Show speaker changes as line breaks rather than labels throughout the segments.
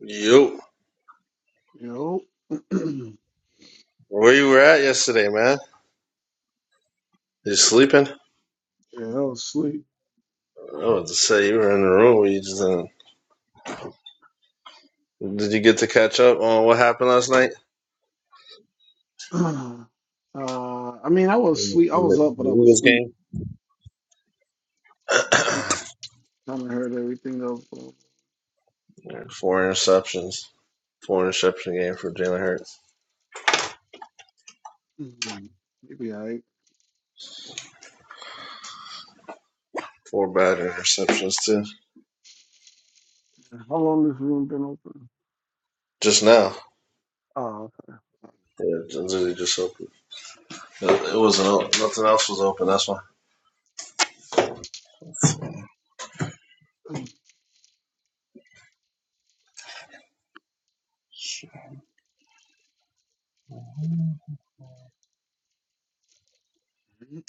Yo,
Yo. yeah,
where you were at yesterday, man? You sleeping? I
I was asleep.
was to say you were in the room. You just didn't. Did you get to catch up on what happened last night?
uh, I mean, I was
In
asleep. I was
The
up, but
the
I was
Eagles
asleep.
game.
Kind of heard everything though. So,
Four interceptions. Four interception game for Jalen Hurts.
mm, maybe I.
Four bad interceptions too.
How long this room been open?
Just now.
Oh,
Yeah, it literally just opened. It it wasn't open. Nothing else was open. That's why.
okay.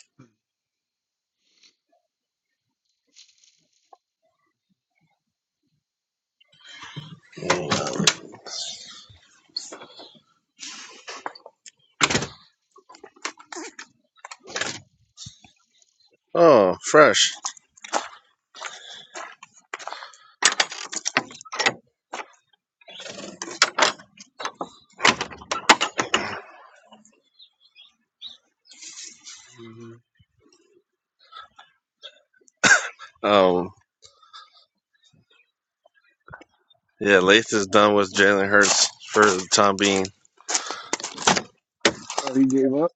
Oh, fresh.
Mhm.
Um, yeah, Lath is done with Jalen Hurts for the time being.
oh, he gave up.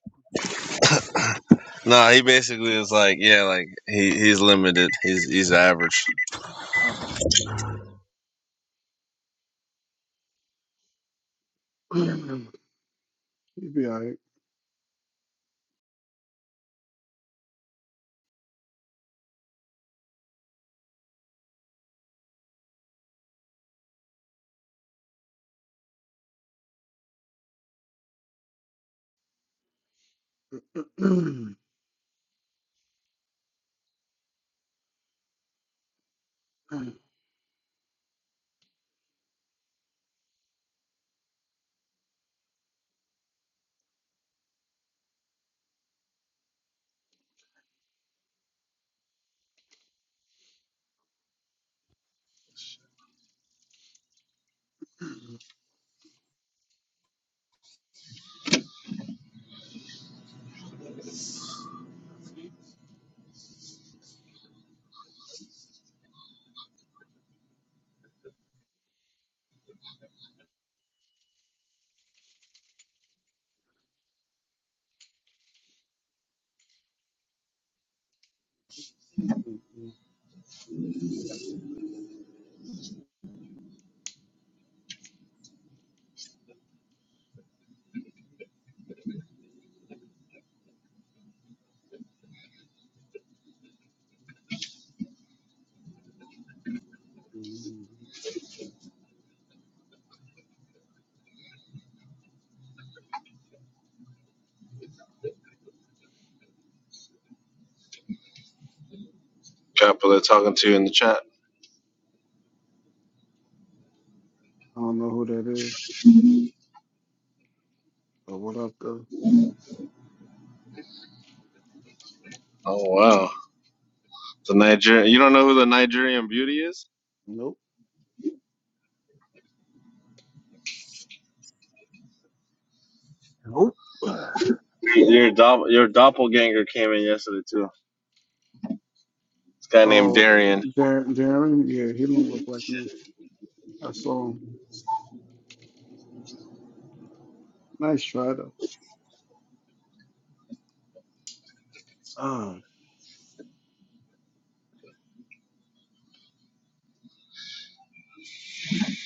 Nah, he basically is like, yeah, like he he's limited. He's he's average.
Oh. He'd be I. I don't
Couple are talking to you in the chat.
know who that is or what up though.
Oh wow, the Nigerian. You don't know who the Nigerian beauty is?
Nope. Nope.
Your dopp- your doppelganger came in yesterday too. This guy named
Oh,
Darian.
Jer- Jeremy. Yeah, he don't look like me. That's all. Nice try though. Ah,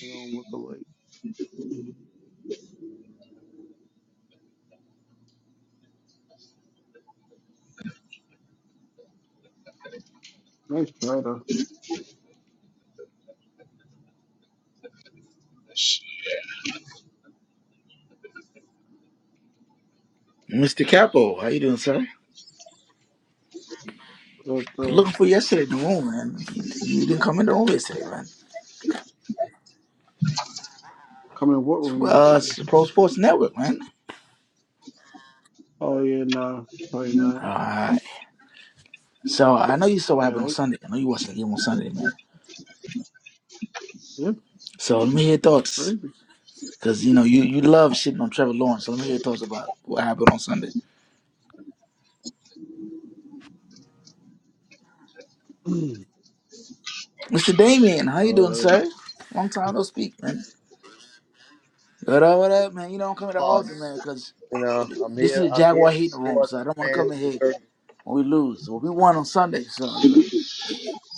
we don't look alike. Mhm. Nice try though.
Mr. Capo, how you doing, sir?
But uh,
Looking for yesterday in the room, man. You, you didn't come in the room yesterday, man.
come in what room
Uh, it's
yesterday?
the Pro Sports Network, man.
Oh yeah, nah, probably not.
All right. So I know you saw what
Yeah,
happened on
right?
Sunday. I know you watched that game on Sunday, man.
yeah,
So let me hear your thoughts,
crazy.
cause you know you you love shitting on Trevor Lawrence. So let me hear your thoughts about what happened on Sunday. Mr. Damien, how you doing,
uh,
sir? Long time no speak, man. What up, what up, man? You don't come here that often,
loss.
man, cause
You know, I'm
this is
here.
a
I'm here
Jaguar
to
hating room,
support
so I
the
don't want to come
fans
in
of the
here
Dirty.
when we lose. Well, we won on Sunday, so. so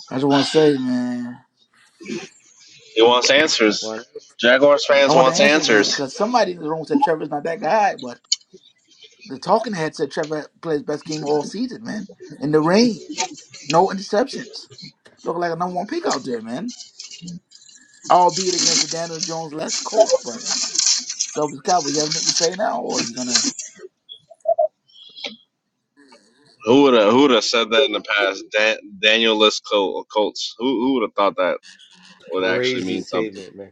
I just want to say, man,
Wow, that's a
I want the answers, man, because somebody in the room said Trevor's not that guy, but the talking head said Trevor plays best game all season, man. In the rain, no interceptions. Look like a number one pick out there, man. Albeit against the Daniel Jones less coach, but so it's Cowboy. You have anything to say now, or you gonna?
Who would have who would have said that in the past? Dan- Danielus Col- Colts. Who who would have thought that would actually
crazy
mean something?
statement, man.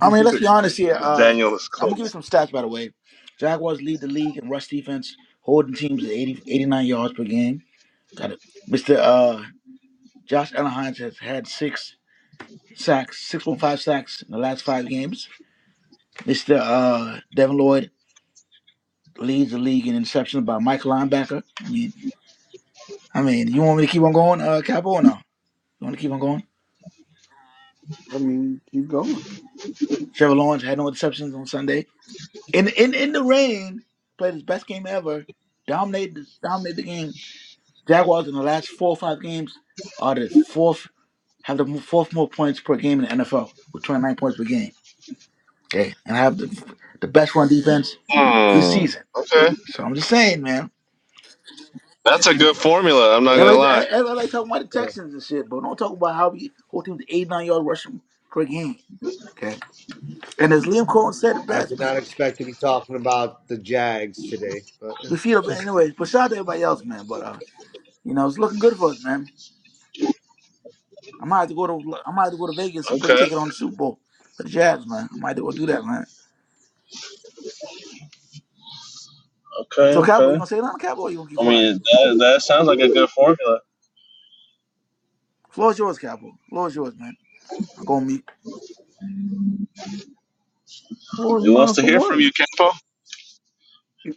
I mean, let's be honest here.
The
Uh,
Danielus
I'm gonna give you
Colts.
some stats, by the way. Jaguars lead the league in rush defense, holding teams to eighty-eighty-nine yards per game. Got it. Mr. Uh, Josh Allen has had six sacks, 6.5 sacks in the last five games. Mr. Uh, Devin Lloyd leads the league in interceptions by Mike linebacker. I mean, I mean, you want me to keep on going, uh, Capo, or no? You want to keep on going?
I mean, keep going.
Trevor Lawrence had no interceptions on Sunday. In in in the rain, played his best game ever. Dominated dominated the game. Jaguars in the last four or five games are the fourth have the fourth more points per game in the NFL with 29 points per game. Okay, and have the the best run defense this
Hmm.
season.
Okay,
So I'm just saying, man.
that's a good formula. I'm not
Yeah,
gonna lie.
Everybody, everybody talking about the
yeah.
Texans and shit, but don't talk about how we whole team's 89 yard rushing per game. Okay. And as Liam Cohen said it
I
best,
did not
man,
expect to be talking about the Jags today, but eh.
we feel it anyways. But shout out to everybody else, man. But uh, you know, it's looking good for us, man. I might have to go to I might have to go to Vegas and put a
Okay.
ticket on the Super Bowl for the Jazz, man. I might have to go do that, man.
Okay.
So Cowboy, you
Okay.
gonna say nothing, Cowboy, or you gonna keep
I
quiet?
mean, that, that sounds like a good formula.
Floor's yours, Cowboy. Floor's yours, man. I'm gonna meet.
What was
He wants
mine
to
for
hear from
what?
you, Kempo.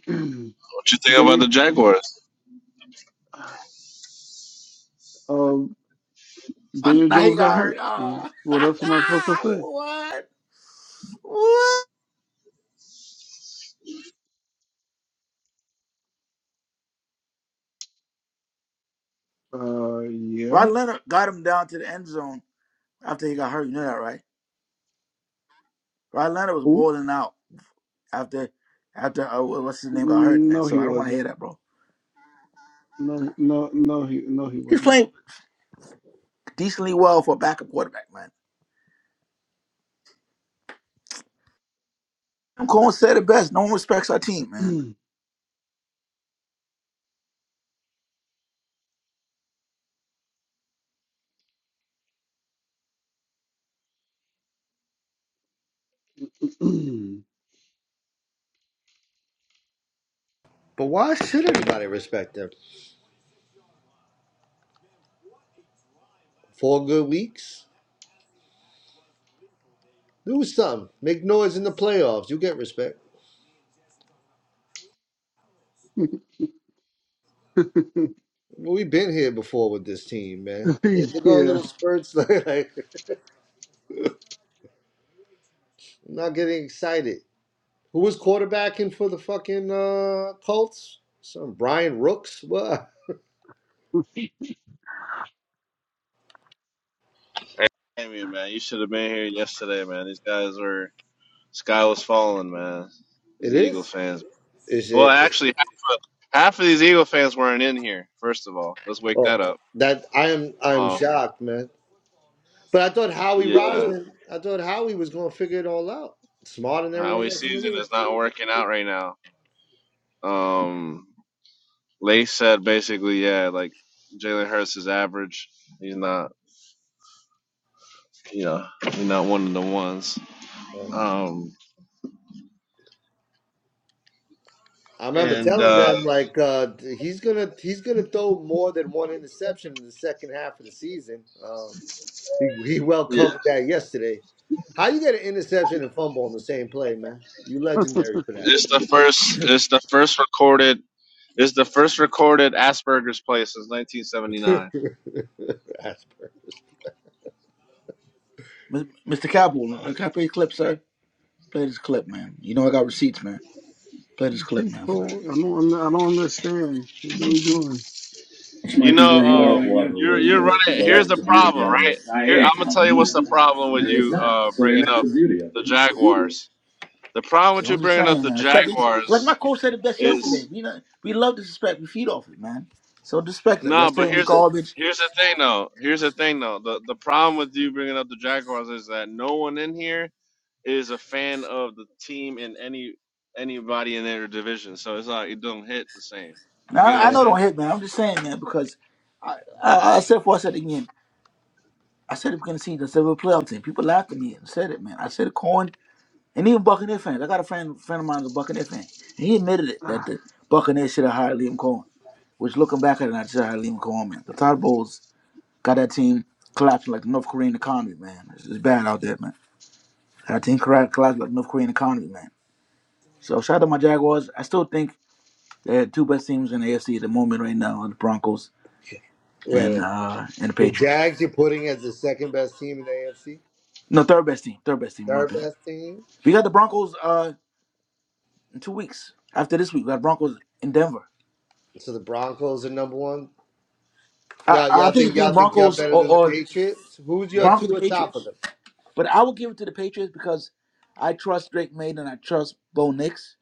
What you think about
they,
the Jaguars?
um,
Oh,
Daniel
now he
Jones got
got hurt.
hurt. Mm,
Oh.
What else am I supposed to say?
what? What?
Uh, yeah.
Rod Leonard got him down to the end zone after he got hurt. You know that, right? Right, Leonard was
Who?
boiling out after after uh, what's his name got hurt,
Mm,
man.
No, he
So I don't want to hear
wasn't.
that, bro.
No, he- no, no, he, no, he
He's
wasn't.
playing decently well for a backup quarterback, man. Jim Cohen said it best. No one respects our team, man.
but why should anybody respect them? Four good weeks. Do something. Make noise in the playoffs. You get respect. Well, we've been here before with this team, man. They- They're going
Yeah.
little spurts like, like not getting excited. Who was quarterbacking for the fucking uh, Colts? Some Brian Rooks. What?
Damn you, man. You should have been here yesterday, man. These guys were sky was falling, man.
It
These Eagle
is.
fans.
Is
Well,
it?
actually, half of, half of these Eagle fans weren't in here. First of all, let's wake
Oh,
that up.
that I am. I am
Um,
shocked, man. But I thought Howie
yeah,
Roseman. I thought Howie was going to figure it all out, smarter than everyone
Howie
else in the
season
league.
is not working out right now. Um, Lace said basically, yeah, like Jalen Hurts is average. He's not, you know, he's not one of the ones.
Yeah.
Um,
I remember
and
telling
uh,
them like uh, he's gonna he's gonna throw more than one interception in the second half of the season. Um, he, he well
yeah.
covered that yesterday. How you get an interception and fumble on the same play, man? You legendary for
It's the first. It's the first recorded. It's the first recorded Asperger's play since
that.
1979.
Asperger's.
M- Mr. Capel, uh, can I play a clip, sir? Play this clip, man. You know I got receipts, man. Play this clip,
She's
man. For-
full. I don't, I don't understand. What are we doing?
This
You
might be where
know,
you I don't are know if
um,
right we'll ever
you're
really
you're
get it.
running.
So
Here's
that's
the
the beauty
problem,
of it.
right?
I
Here,
ain't
I'm gonna tell
coming,
you
you
what's the
know that.
problem with
It's
you
not.
uh,
So and
bringing
that's
up
the beauty of
the
it.
Jaguars. The problem
So
with you
I'm just
bringing up
saying,
the
man. Respect. Like my
Jaguars
coach said it best yesterday.
is
We know, we love disrespect. We feed off it, man. So disrespect it. you all
no, but
saying we
here's
garbage.
here's the thing though. Here's the thing though. The the problem with you bringing up the Jaguars is that no one in here is a fan of the team and any anybody in their division. So it's like it don't hit the same. You
Now
get what
I, I
I'm
Yeah.
know don't
saying?
hit, man. I'm just saying, man, because I, I, I said for I said it again. I said it beginning of the season. I said we're a playoff team. People laughed at me and said it, man. I said it, Cohen, and even Buccaneer fans. I got a friend, friend of mine who's a Buccaneer fan, and he admitted it that
Ah,
the Buccaneers should have hired Liam Cohen. Which looking back at it, I should have hired Liam Cohen, man. The Todd Bowles got that team collapsing like the North Korean economy, man. It's, it's bad out there, man. I think correct collapse like North Korean economy, man. So shout out to my Jaguars. I still think they're two best teams in the AFC at the moment right now are the Broncos
Wait,
and
wait.
uh and the
The
Patriots.
Jags you're putting as the second best team in the AFC?
No, third best team. Third best team in my
Third
opinion.
best team.
We got the Broncos uh in two weeks. After this week, we got Broncos in Denver.
So the Broncos are number one.
I,
Y'all,
I
y'all
think
think
it's the
y'all think y'all
Broncos
better
or,
than the
or
Patriots? Who's your
Broncos
two
the
atop of
Patriots.
them?
But I will give it to the Patriots because I trust Drake May and I trust Bo Nix.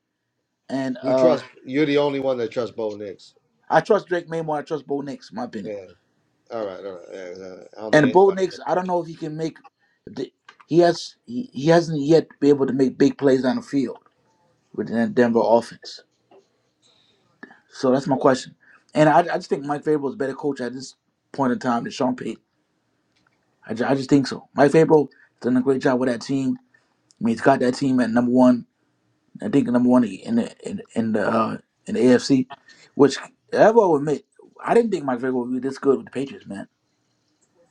And
You
uh
trust? You're the only one that trusts Bo Nix.
I trust Drake May more than I trust Bo Nix, in my opinion.
Yeah. All right. All right. Yeah, yeah. I don't think
And Bo
anybody.
Nix,
does.
I don't know if he can make. The, he has he, he hasn't yet been able to make big plays on the field with the Denver offense. So that's my question. And I, I just think Mike Vrabel is a better coach at this point in time than Sean Payton. I, I just think so. Mike Vrabel done a great job with that team. I mean, he's got that team at number one. I think number one in the in, in the uh, in the AFC, which I will admit, I didn't think Mike Vrabel would be this good with the Patriots, man.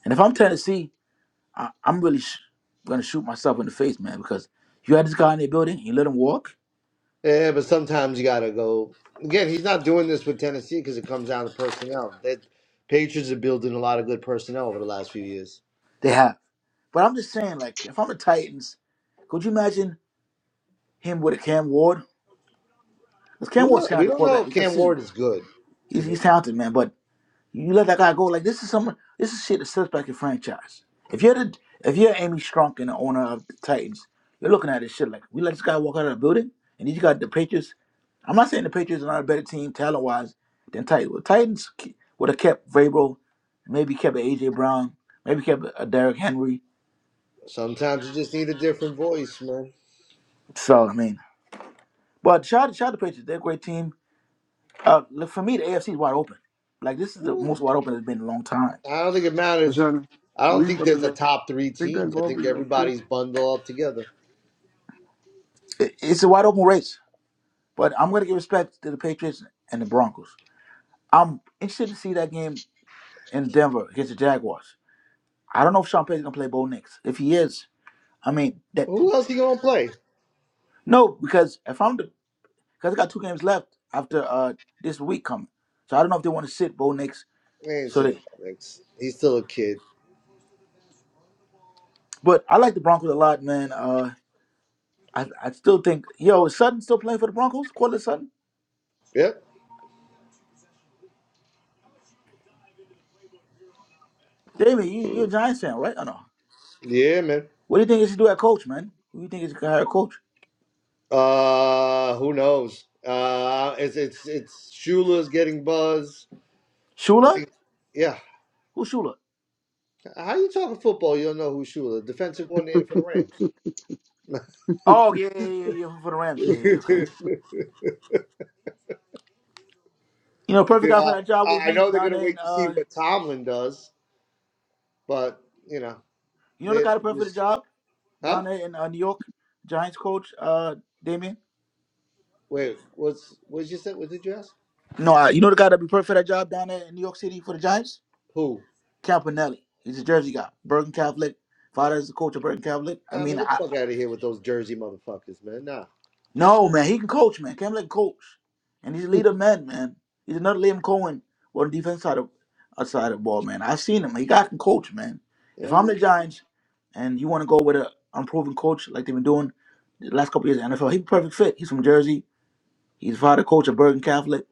And if I'm Tennessee, I, I'm really sh- gonna shoot myself in the face, man, because you had this guy in the building, you let him walk.
Yeah, but sometimes you gotta go. Again, he's not doing this with Tennessee because it comes down to personnel. That Patriots are building a lot of good personnel over the last few years.
They have, but I'm just saying, like, if I'm the Titans, could you imagine him with a Cam Ward? Because Cam
Who
Ward's
knows? We
talented
don't know
quarterback.
if
We can
Cam
see
Ward is good. To
he's,
be
he's talented, man. But You let that guy go. Like this is some this is shit that sets back your franchise. If you're the if you're Amy Strunk and the owner of the Titans, you're looking at this shit like we let this guy walk out of the building and he's got the Patriots. I'm not saying the Patriots are not a better team talent wise than Titans. Well, Titans ke- would have kept Vrabel, maybe kept a AJ Brown, maybe kept a Derrick Henry.
honest, sometimes you just need a different voice, man.
So I mean, but shout shout the Patriots. They're a great team. Uh, look, for me, the AFC is wide open. Like this is the most wide open it's been in a long time.
I don't think it matters.
Johnny,
I don't
we
think
about to
there's a
go.
top three
Take that
teams. I think
garbage out,
everybody's
please.
bundled up together.
It- It's a wide open race. But I'm going to give respect to the Patriots and the Broncos. I'm interested to see that game in Denver against the Jaguars. I don't know if Sean Payton's going to play Bo Nix. If he is, I mean that
Who else he gonna play?
no, because if I'm the because I got two games left after uh this week coming, so I don't know if they want to sit Bo Nix.
Man, it's
So
in
they,
the comics. He's still a kid.
but I like the Broncos a lot, man. Uh, I I still think yo is Sutton still playing for the Broncos? Cortland Sutton,
Yep.
David, you you're a Giants fan, right? Or no?
Yeah, man.
What do you think they should do at coach, man? Who do you think is going to hire a coach?
Uh, who knows? Uh, it's it's it's Shula's getting buzz. I
Shula?
think. Yeah.
Who's Shula?
How you talking football? You don't know who Shula, defensive coordinator for the Rams.
Oh yeah, yeah, yeah, yeah, for the Rams. Yeah, yeah, okay.
yeah,
You know, perfect guy for that job would
I I
be
know they're
down
gonna
there in
wait to see
uh,
what Tomlin does, but you know
you know the
they
guy that perfect the
just
job down
huh?
there in uh, New York, Giants coach uh Damien.
Wait, what's what you said? What did you ask?
No, uh, you know the guy that'd be perfect for that job down there in New York City for the Giants,
Who?
Campanelli. He's a Jersey guy, Bergen Catholic. Father is the coach of Bergen Catholic. I
Nah,
mean,
man, get the
I,
fuck out of here with those Jersey motherfuckers, man. Nah.
No, man, he can coach, man. Kemba can coach, and he's a leader man, man. He's another Liam Cohen on the defense side of outside of the ball, man. I've seen him. He got can coach, man. If I'm
Nah.
the Giants, and you want to go with an unproven coach like they've been doing the last couple years in the NFL, he's a perfect fit. He's from Jersey. He's father coach at Bergen Catholic.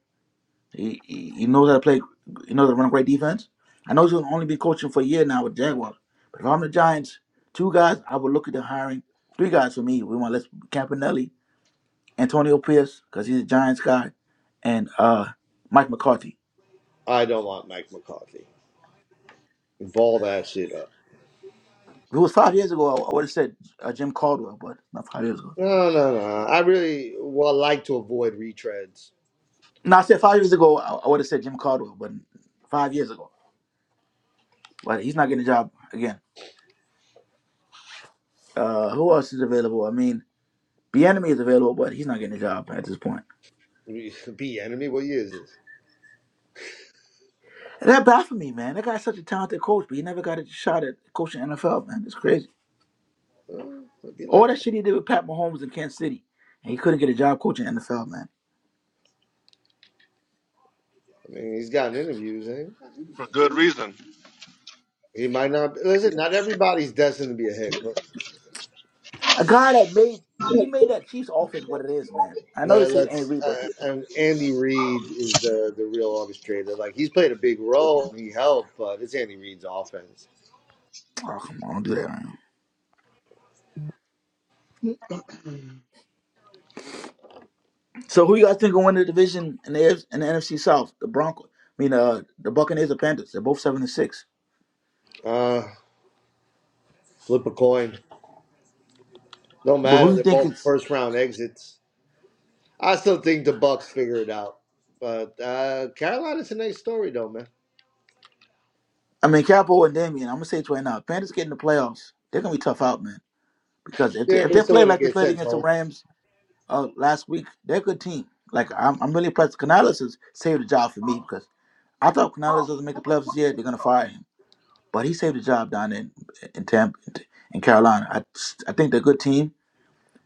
He, he he knows how to play. He knows how to run a great defense. I know he's gonna only be coaching for a year now with Jaguars. But if I'm the Giants, two guys I would look at the hiring. Three guys for me. We want Les Campanelli. Antonio Pierce, because he's a Giants guy, and uh, Mike McCarthy.
I don't want Mike McCarthy. Ball that shit up.
If it was five years ago, I, would have said uh, Jim Caldwell, but not five years ago.
No, no, no. I really well like to avoid retreads.
No, I said five years ago, I, I would have said Jim Caldwell, but five years ago. But he's not getting a job again. Uh, who else is available? I mean, enemy is available, but he's not getting a job at this point.
Be be enemy. What year is this?
And that baffled me, man. That guy's such a talented coach, but he never got a shot at coaching NFL, man. It's crazy.
Well, it'd be
All
like
that
that.
shit he did with Pat Mahomes in Kansas City, and he couldn't get a job coaching NFL, man.
I mean, he's gotten interviews, ain't he? He might not. Listen, not everybody's destined to be a head coach.
A guy that made he made that Chiefs offense what it is, man. I know
Let-
this ain't
Let's
real, but
uh, and Andy Reid is the the real orchestrator. Like he's played a big role. He helped, but it's Andy Reid's offense.
oh come on, don't do that. Man. So who you guys think will win the division in the AFC in the NFC South? The Broncos. I mean, uh, the Buccaneers or Panthers? They're both seven and six.
Uh, flip a coin. No
But who
matter.
you
They're
think
both
is?
first round exits. I still think the Bucks figure it out. But uh, Carolina's the next story, though, man.
I mean, Capo and Damien. I'm gonna say it right now. Panthers get in the playoffs. They're gonna be tough out, man. Because if they,
Yeah,
if
but
they
still
play
gonna
like they
get
played
sent
against the
home.
Rams uh, last week, they're a good team. Like I'm, I'm really impressed. Canales has saved the job for me because I thought Canales doesn't make the playoffs yet. They're gonna fire him. but he saved the job down in in Tampa in Carolina. I I think they're a good team,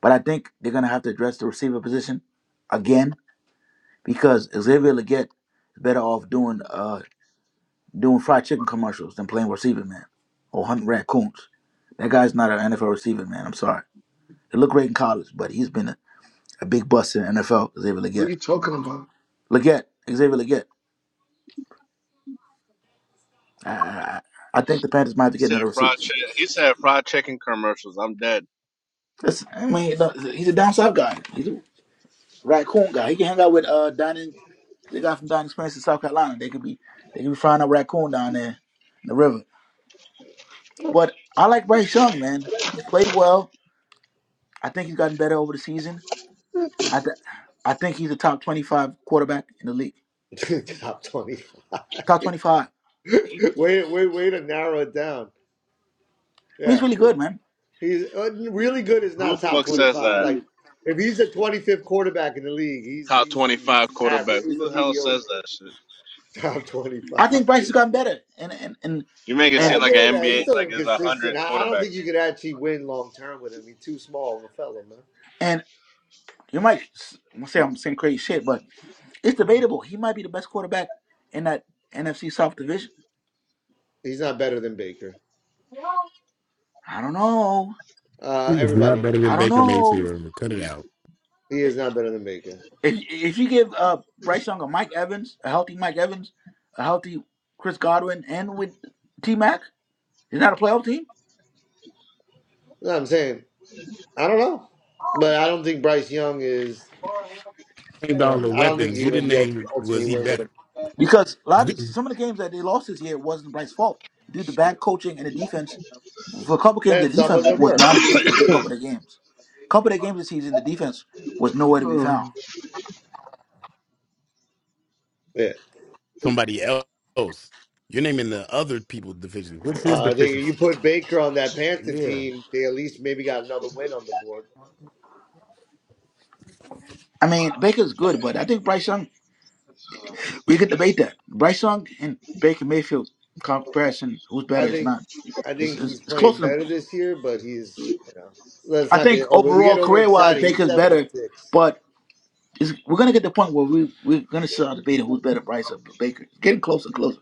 but I think they're gonna have to address the receiver position again because Xavier Leggett is better off doing uh doing fried chicken commercials than playing receiver man or hunting raccoons. That guy's not an NFL receiver man. I'm sorry. He looked great in college, but he's been a, a big bust in the NFL. Xavier
What are
Leggett,
you talking
Leggett, Xavier Leggett. I, I, I I think the Panthers might have to get another receiver.
Commercial. That
That's, I mean, he's a down south guy. He's a Raccoon guy. He can hang out with uh down the guy from Dining Experience in South Carolina. They could be they could be frying up raccoon down there in the river. But I like Bryce Young, man. He's played well. I think he's gotten better over the season. I th- I think he's a top twenty five quarterback in the league.
Top twenty-five.
Top twenty five. I
way, way, way to narrow it down.
mean, he's
Yeah,
really
he-
good, man.
he's uh, really good. Is
who
not
the
top
fuck says
twenty-five. Like
that?
if he's the twenty-fifth quarterback in the league, he's
Top
he's he's
25 quarterback.
average. He's a
Who the hell says
mediocre
that shit?
top
I
twenty-five.
think Bryce has gotten better. And and and
You make it
Uh,
seem
and
like
yeah,
an
nah, he's
NBA,
still
like it's a
inconsistent.
hundred
I, I don't think
quarterbacks.
you could actually win long term with him. He's too small of a fellow, man.
and you might s- say I'm saying crazy shit, but it's debatable. He might be the best quarterback in that NFC South division.
He's not better than Baker.
I don't know.
Uh,
He was
everybody
not
knows
better
I
than
he's
don't
Baker
not,
know.
Mayfield. Cut it out.
he is not better than Baker. You
If if you give uh Bryce Young a Mike Evans, a healthy Mike Evans, a healthy Chris Godwin, and with T Mac, is that a playoff team?
know what I'm saying? I don't know, but I don't think Bryce Young is.
Named
Uh,
all the
I don't think
weapons.
you're
You
going to
didn't
be able to
name was
ultimately
he
win with
better?
him.
Because a lot of some of the games that they lost this year wasn't Bryce's fault due to bad coaching and the defense. For a couple games, the
And some
defense
of them
was
were.
non-existent. in A couple of the games, a couple of the games this season, the defense was nowhere to be
about?
found.
Yeah.
Somebody else. You're naming the other people deficiency. What's his
Uh, they, you
deficiency?
put Baker on that Panther
Yeah.
team, they at least maybe got another win on the board.
I mean, Baker's good, but I think Bryce Young. We could debate that. Bryce Young and Baker Mayfield comparison, who's better?
I
It's
think
not.
I
It's
think
it's,
he's
it's
playing
close to
better this year, but he's you know let's
I
not
think
get over we get
overall,
over
career wise,
excited. He's
Baker's
seven and
better,
six.
but it's, we're going to get to the point where we, we're going to start debating who's better, Bryce or Baker. It's getting closer and closer.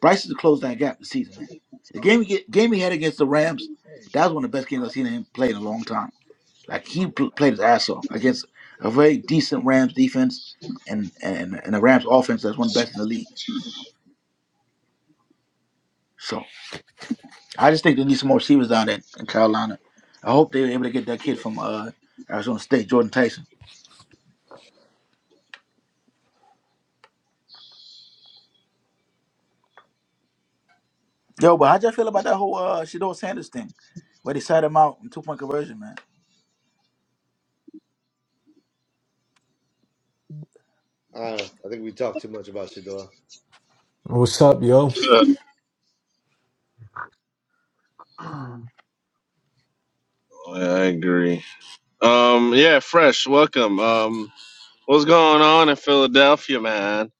Bryce has closed that gap this season, man. The game he, get, game he had against the Rams, that was one of the best games I've seen him play in a long time. Like, he pl- played his ass off against a very decent Rams defense and, and, and a Rams offense that's one of the best in the league. So I just think they need some more receivers down there in Carolina. I hope they were able to get that kid from uh, Arizona State, Jordan Tyson. Yo, but how'd you feel about that whole uh Shador Sanders thing? Where they sat him out in two point conversion, man.
I don't know. I think we talked too much about Shador.
What's up, yo?
Shit.
Uh,
Oh, yeah, I agree. Um, yeah, fresh. Welcome. Um, what's going on in Philadelphia, man?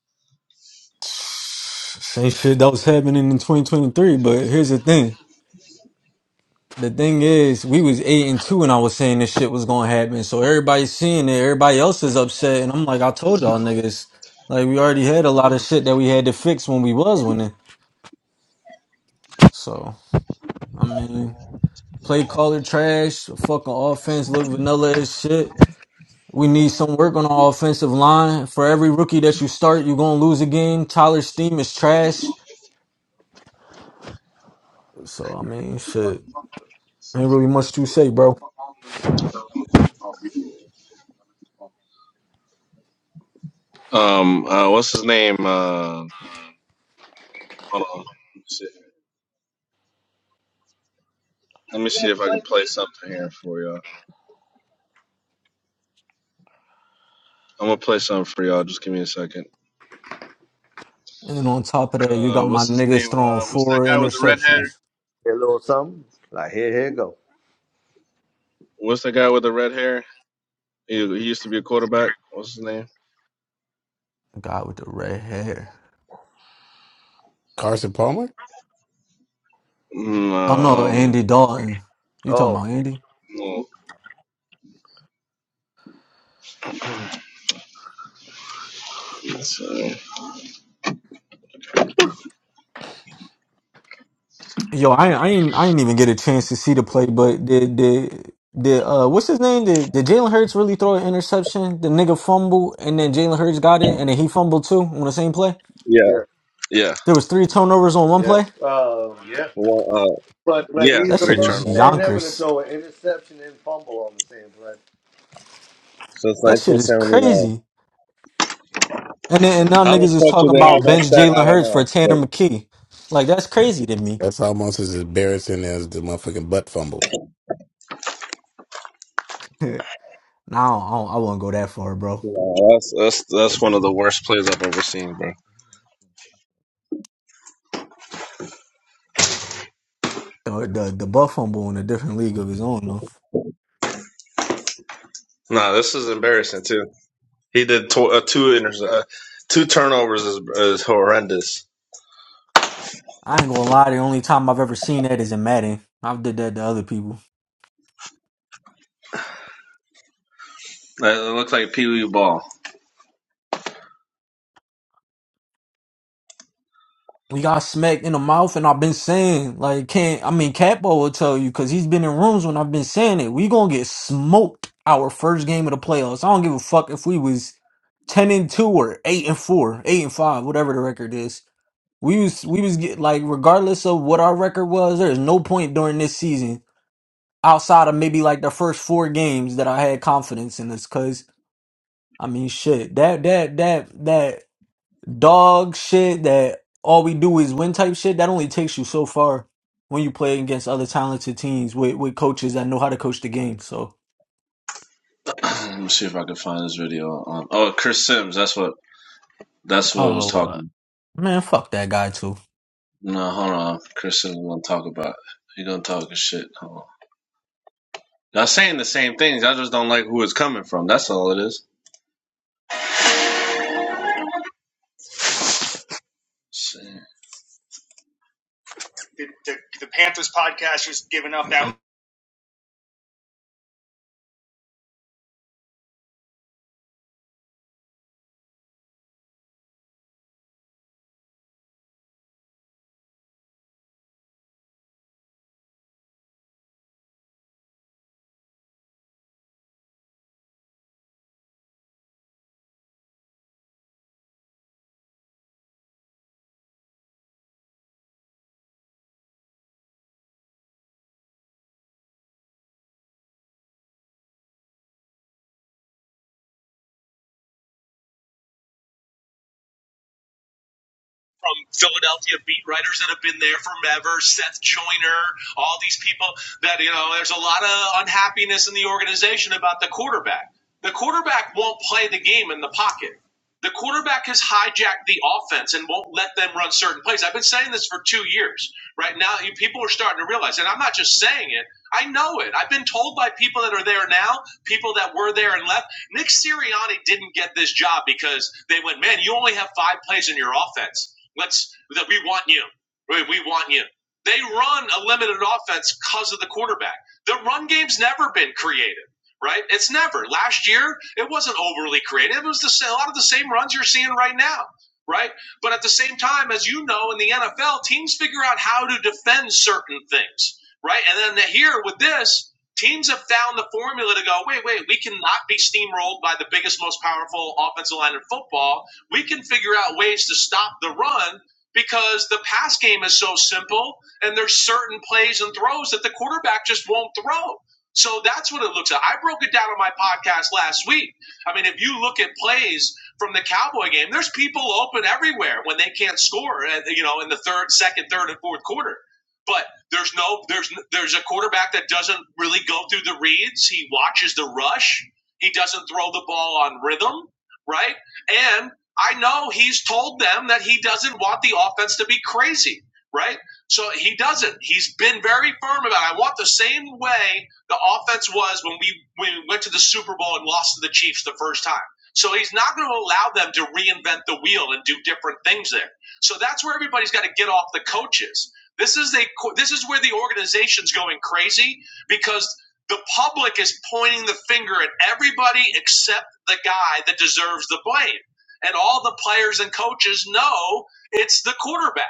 Same shit that was happening in 2023, but here's the thing. The thing is, we was eight and two, and I was saying this shit was gonna happen. So everybody's seeing it. Everybody else is upset, and I'm like, I told y'all niggas, like we already had a lot of shit that we had to fix when we was winning. So I mean, play caller trash, fucking offense look vanilla as shit. We need some work on the offensive line. For every rookie that you start, you're gonna lose a game. Tyler Steam is trash. So I mean, shit. Ain't really much to say, bro.
Um, uh, what's his name? Uh, hold on. Let me see, Let me see if I can play something here for y'all. I'm gonna play something for y'all. Just give me a second.
And then on top of that, you
Uh,
got my
what's his
niggas
name?
throwing
Uh, what's that
four
guy with the red hair?
interceptions.
A little something. Like here, here it go.
What's that guy with the red hair? He, he used to be a quarterback. What's his name?
The guy with the red hair.
Carson Palmer?
Mm,
I don't
uh,
know,
um,
Andy Dalton. You talking
Oh,
about Andy?
well, it's, uh,
Yo, I, I ain't I ain't even get a chance to see the play, but did did did uh what's his name? Did did Jalen Hurts really throw an interception? The nigga fumble and then Jalen Hurts got it and then he fumbled too on the same play?
Yeah,
Yeah,
yeah.
There was three turnovers on one
yeah,
play?
um, yeah.
Well, uh,
But but
yeah,
That
he's the
three
shit is
first man
turnovers
ever to
yonkers.
throw an interception and fumble on the same play.
since
That shit is crazy.
1979.
And then, and now
How the
niggas is
fuck do
talking
they have
about
that
bench
stat?
Jalen
I don't
Hurts for
know, but
Tanner McKee. Like that's crazy to me.
That's almost as embarrassing as the motherfucking butt fumble.
nah, I, don't, I, don't- I wouldn't go that far, bro.
you know, that's that's that's one of the worst plays I've ever seen, bro.
The the the Buff Humble in a different league of his own, though.
Nah, this is embarrassing too. He did tw- uh, two inter- uh, two turnovers is, is horrendous.
I ain't gonna lie. The only time I've ever seen that is in Madden. I've did that to other people.
Uh, It looks like Pee Wee Ball.
We got smacked in the mouth, and I've been saying like, can't. I mean, Capo will tell you because he's been in rooms when I've been saying it. We gonna get smoked our first game of the playoffs. I don't give a fuck if we was ten and two or eight and four, eight and five, whatever the record is We was we was get like regardless of what our record was, there's no point during this season outside of maybe like the first four games that I had confidence in us. Cause I mean, shit, that that that that dog shit that all we do is win type shit that only takes you so far when you play against other talented teams with with coaches that know how to coach the game. So,
Let me see if I can find this video. Um, oh, Chris Sims. That's what. That's what was
oh uh,
talking.
man, fuck that guy too.
No, hold on. Chris Sims gonna talk about. He gonna talk his shit. Hold on. Y'all saying the same things. I just don't like who it's coming from. That's all it is. Let's See. The, the, the Panthers podcast was giving up that from Philadelphia beat writers that have been there forever, Seth Joyner, all these people that, you know, there's a lot of unhappiness in the organization about the quarterback. The quarterback won't play the game in the pocket. The quarterback has hijacked the offense and won't let them run certain plays. I've been saying this for two years. Right now, people are starting to realize, and I'm not just saying it, I know it. I've been told by people that are there now, people that were there and left. Nick Sirianni didn't get this job because they went, man, you only have five plays in your offense. Let's that we want you. We we want you. They run a limited offense because of the quarterback. The run game's never been creative, right? It's never. Last year, it wasn't overly creative. It was the, sa- a lot of the same runs you're seeing right now, right? But at the same time, as you know, in the NFL, teams figure out how to defend certain things, right? And then here with this, teams have found the formula to go, wait, wait, we cannot be steamrolled by the biggest, most powerful offensive line in football we can figure out ways to stop the run because the pass game is so simple and there's certain plays and throws that the quarterback just won't throw. So that's what it looks like. I broke it down on my podcast last week. I mean, if you look at plays from the Cowboy game, there's people open everywhere when they can't score, uh, you know, in the third, second, third, and fourth quarter. But there's no, there's, there's a quarterback that doesn't really go through the reads. He watches the rush. He doesn't throw the ball on rhythm, right? And I know he's told them that he doesn't want the offense to be crazy, right? So he doesn't. He's been very firm about. it. I want the same way the offense was when we when we went to the Super Bowl and lost to the Chiefs the first time. So he's not going to allow them to reinvent the wheel and do different things there. So that's where everybody's got to get off the coaches. This is a this is where the organization's going crazy because the public is pointing the finger at everybody except the guy that deserves the blame and all the players and coaches know it's the quarterback.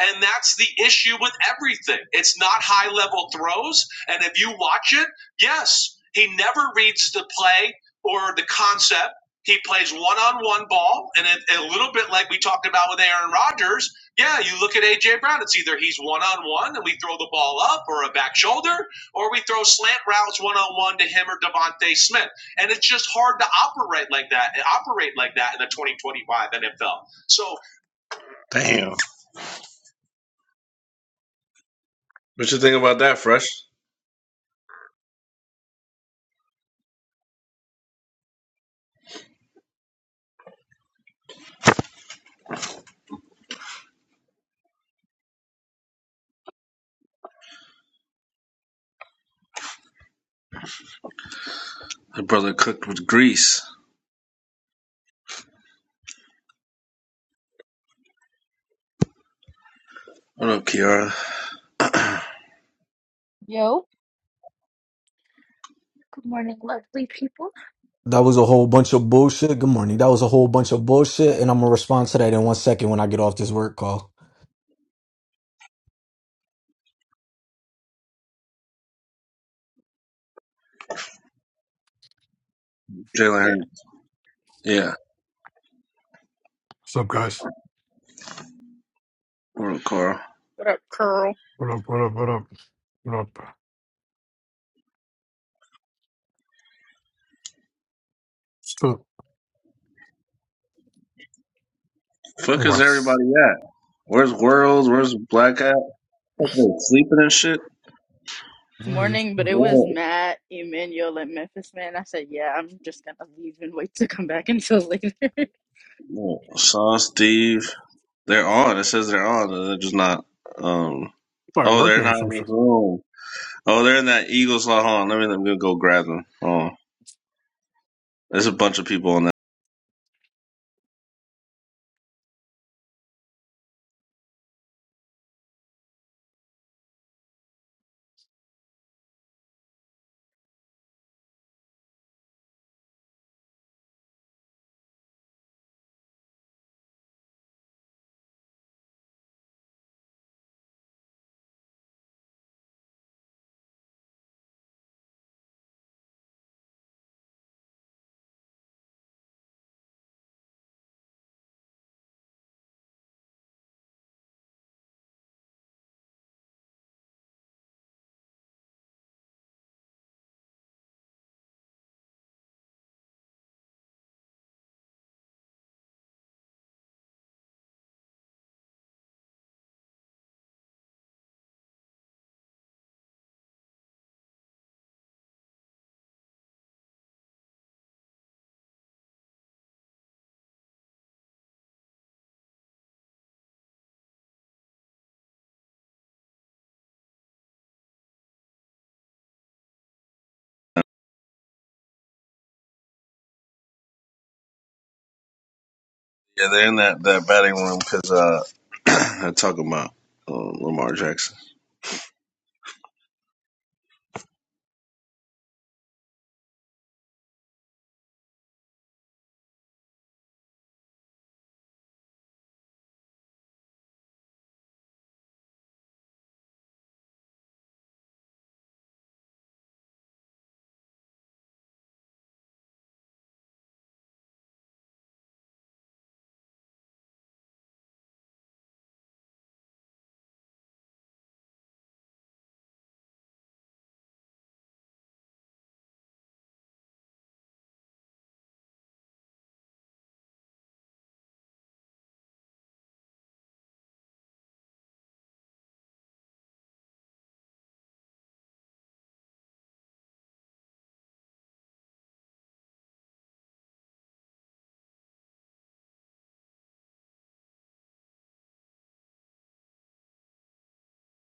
And that's the issue with everything. It's not high level throws. And if you watch it, yes, he never reads the play or the concept. He plays one on one ball. And it, a little bit like we talked about with Aaron Rodgers. Yeah, you look at A.J. Brown, it's either he's one on one and we throw the ball up or a back shoulder, or we throw slant routes one on one to him or Devontae Smith. And it's just hard to operate like that and operate like that in the 2025 NFL. So Damn. What you think about that, Fresh? The brother cooked with grease. What up, Kiara?
Yo, good morning, lovely people.
That was a whole bunch of bullshit. Good morning. That was a whole bunch of bullshit, and I'm gonna respond to that in one second when I get off this work call.
Jalen
Yeah,
Hurd. Yeah.
What's up, guys?
What up, Carl?
what up, Curl?
What up? What up? What up? What up? Still, all
Fuck is
right.
everybody at? Where's Worlds? Where's Black at? sleeping and shit?
Good
All right.
morning, but it was
What?
Matt, Emmanuel, and Memphis, man. I said, yeah, I'm just gonna leave and wait to come back until later.
What? Sean, Steve. They're on. It says they're on. They're just not. Um.
Probably
Oh, they're
working or
not
some
in
shit.
this room. Oh, they're in that Eagles. lot. Hold on. Let me, let me go grab them. Oh, there's a bunch of people on Yeah, they're in that, that batting room because uh, they're talking about uh, Lamar Jackson.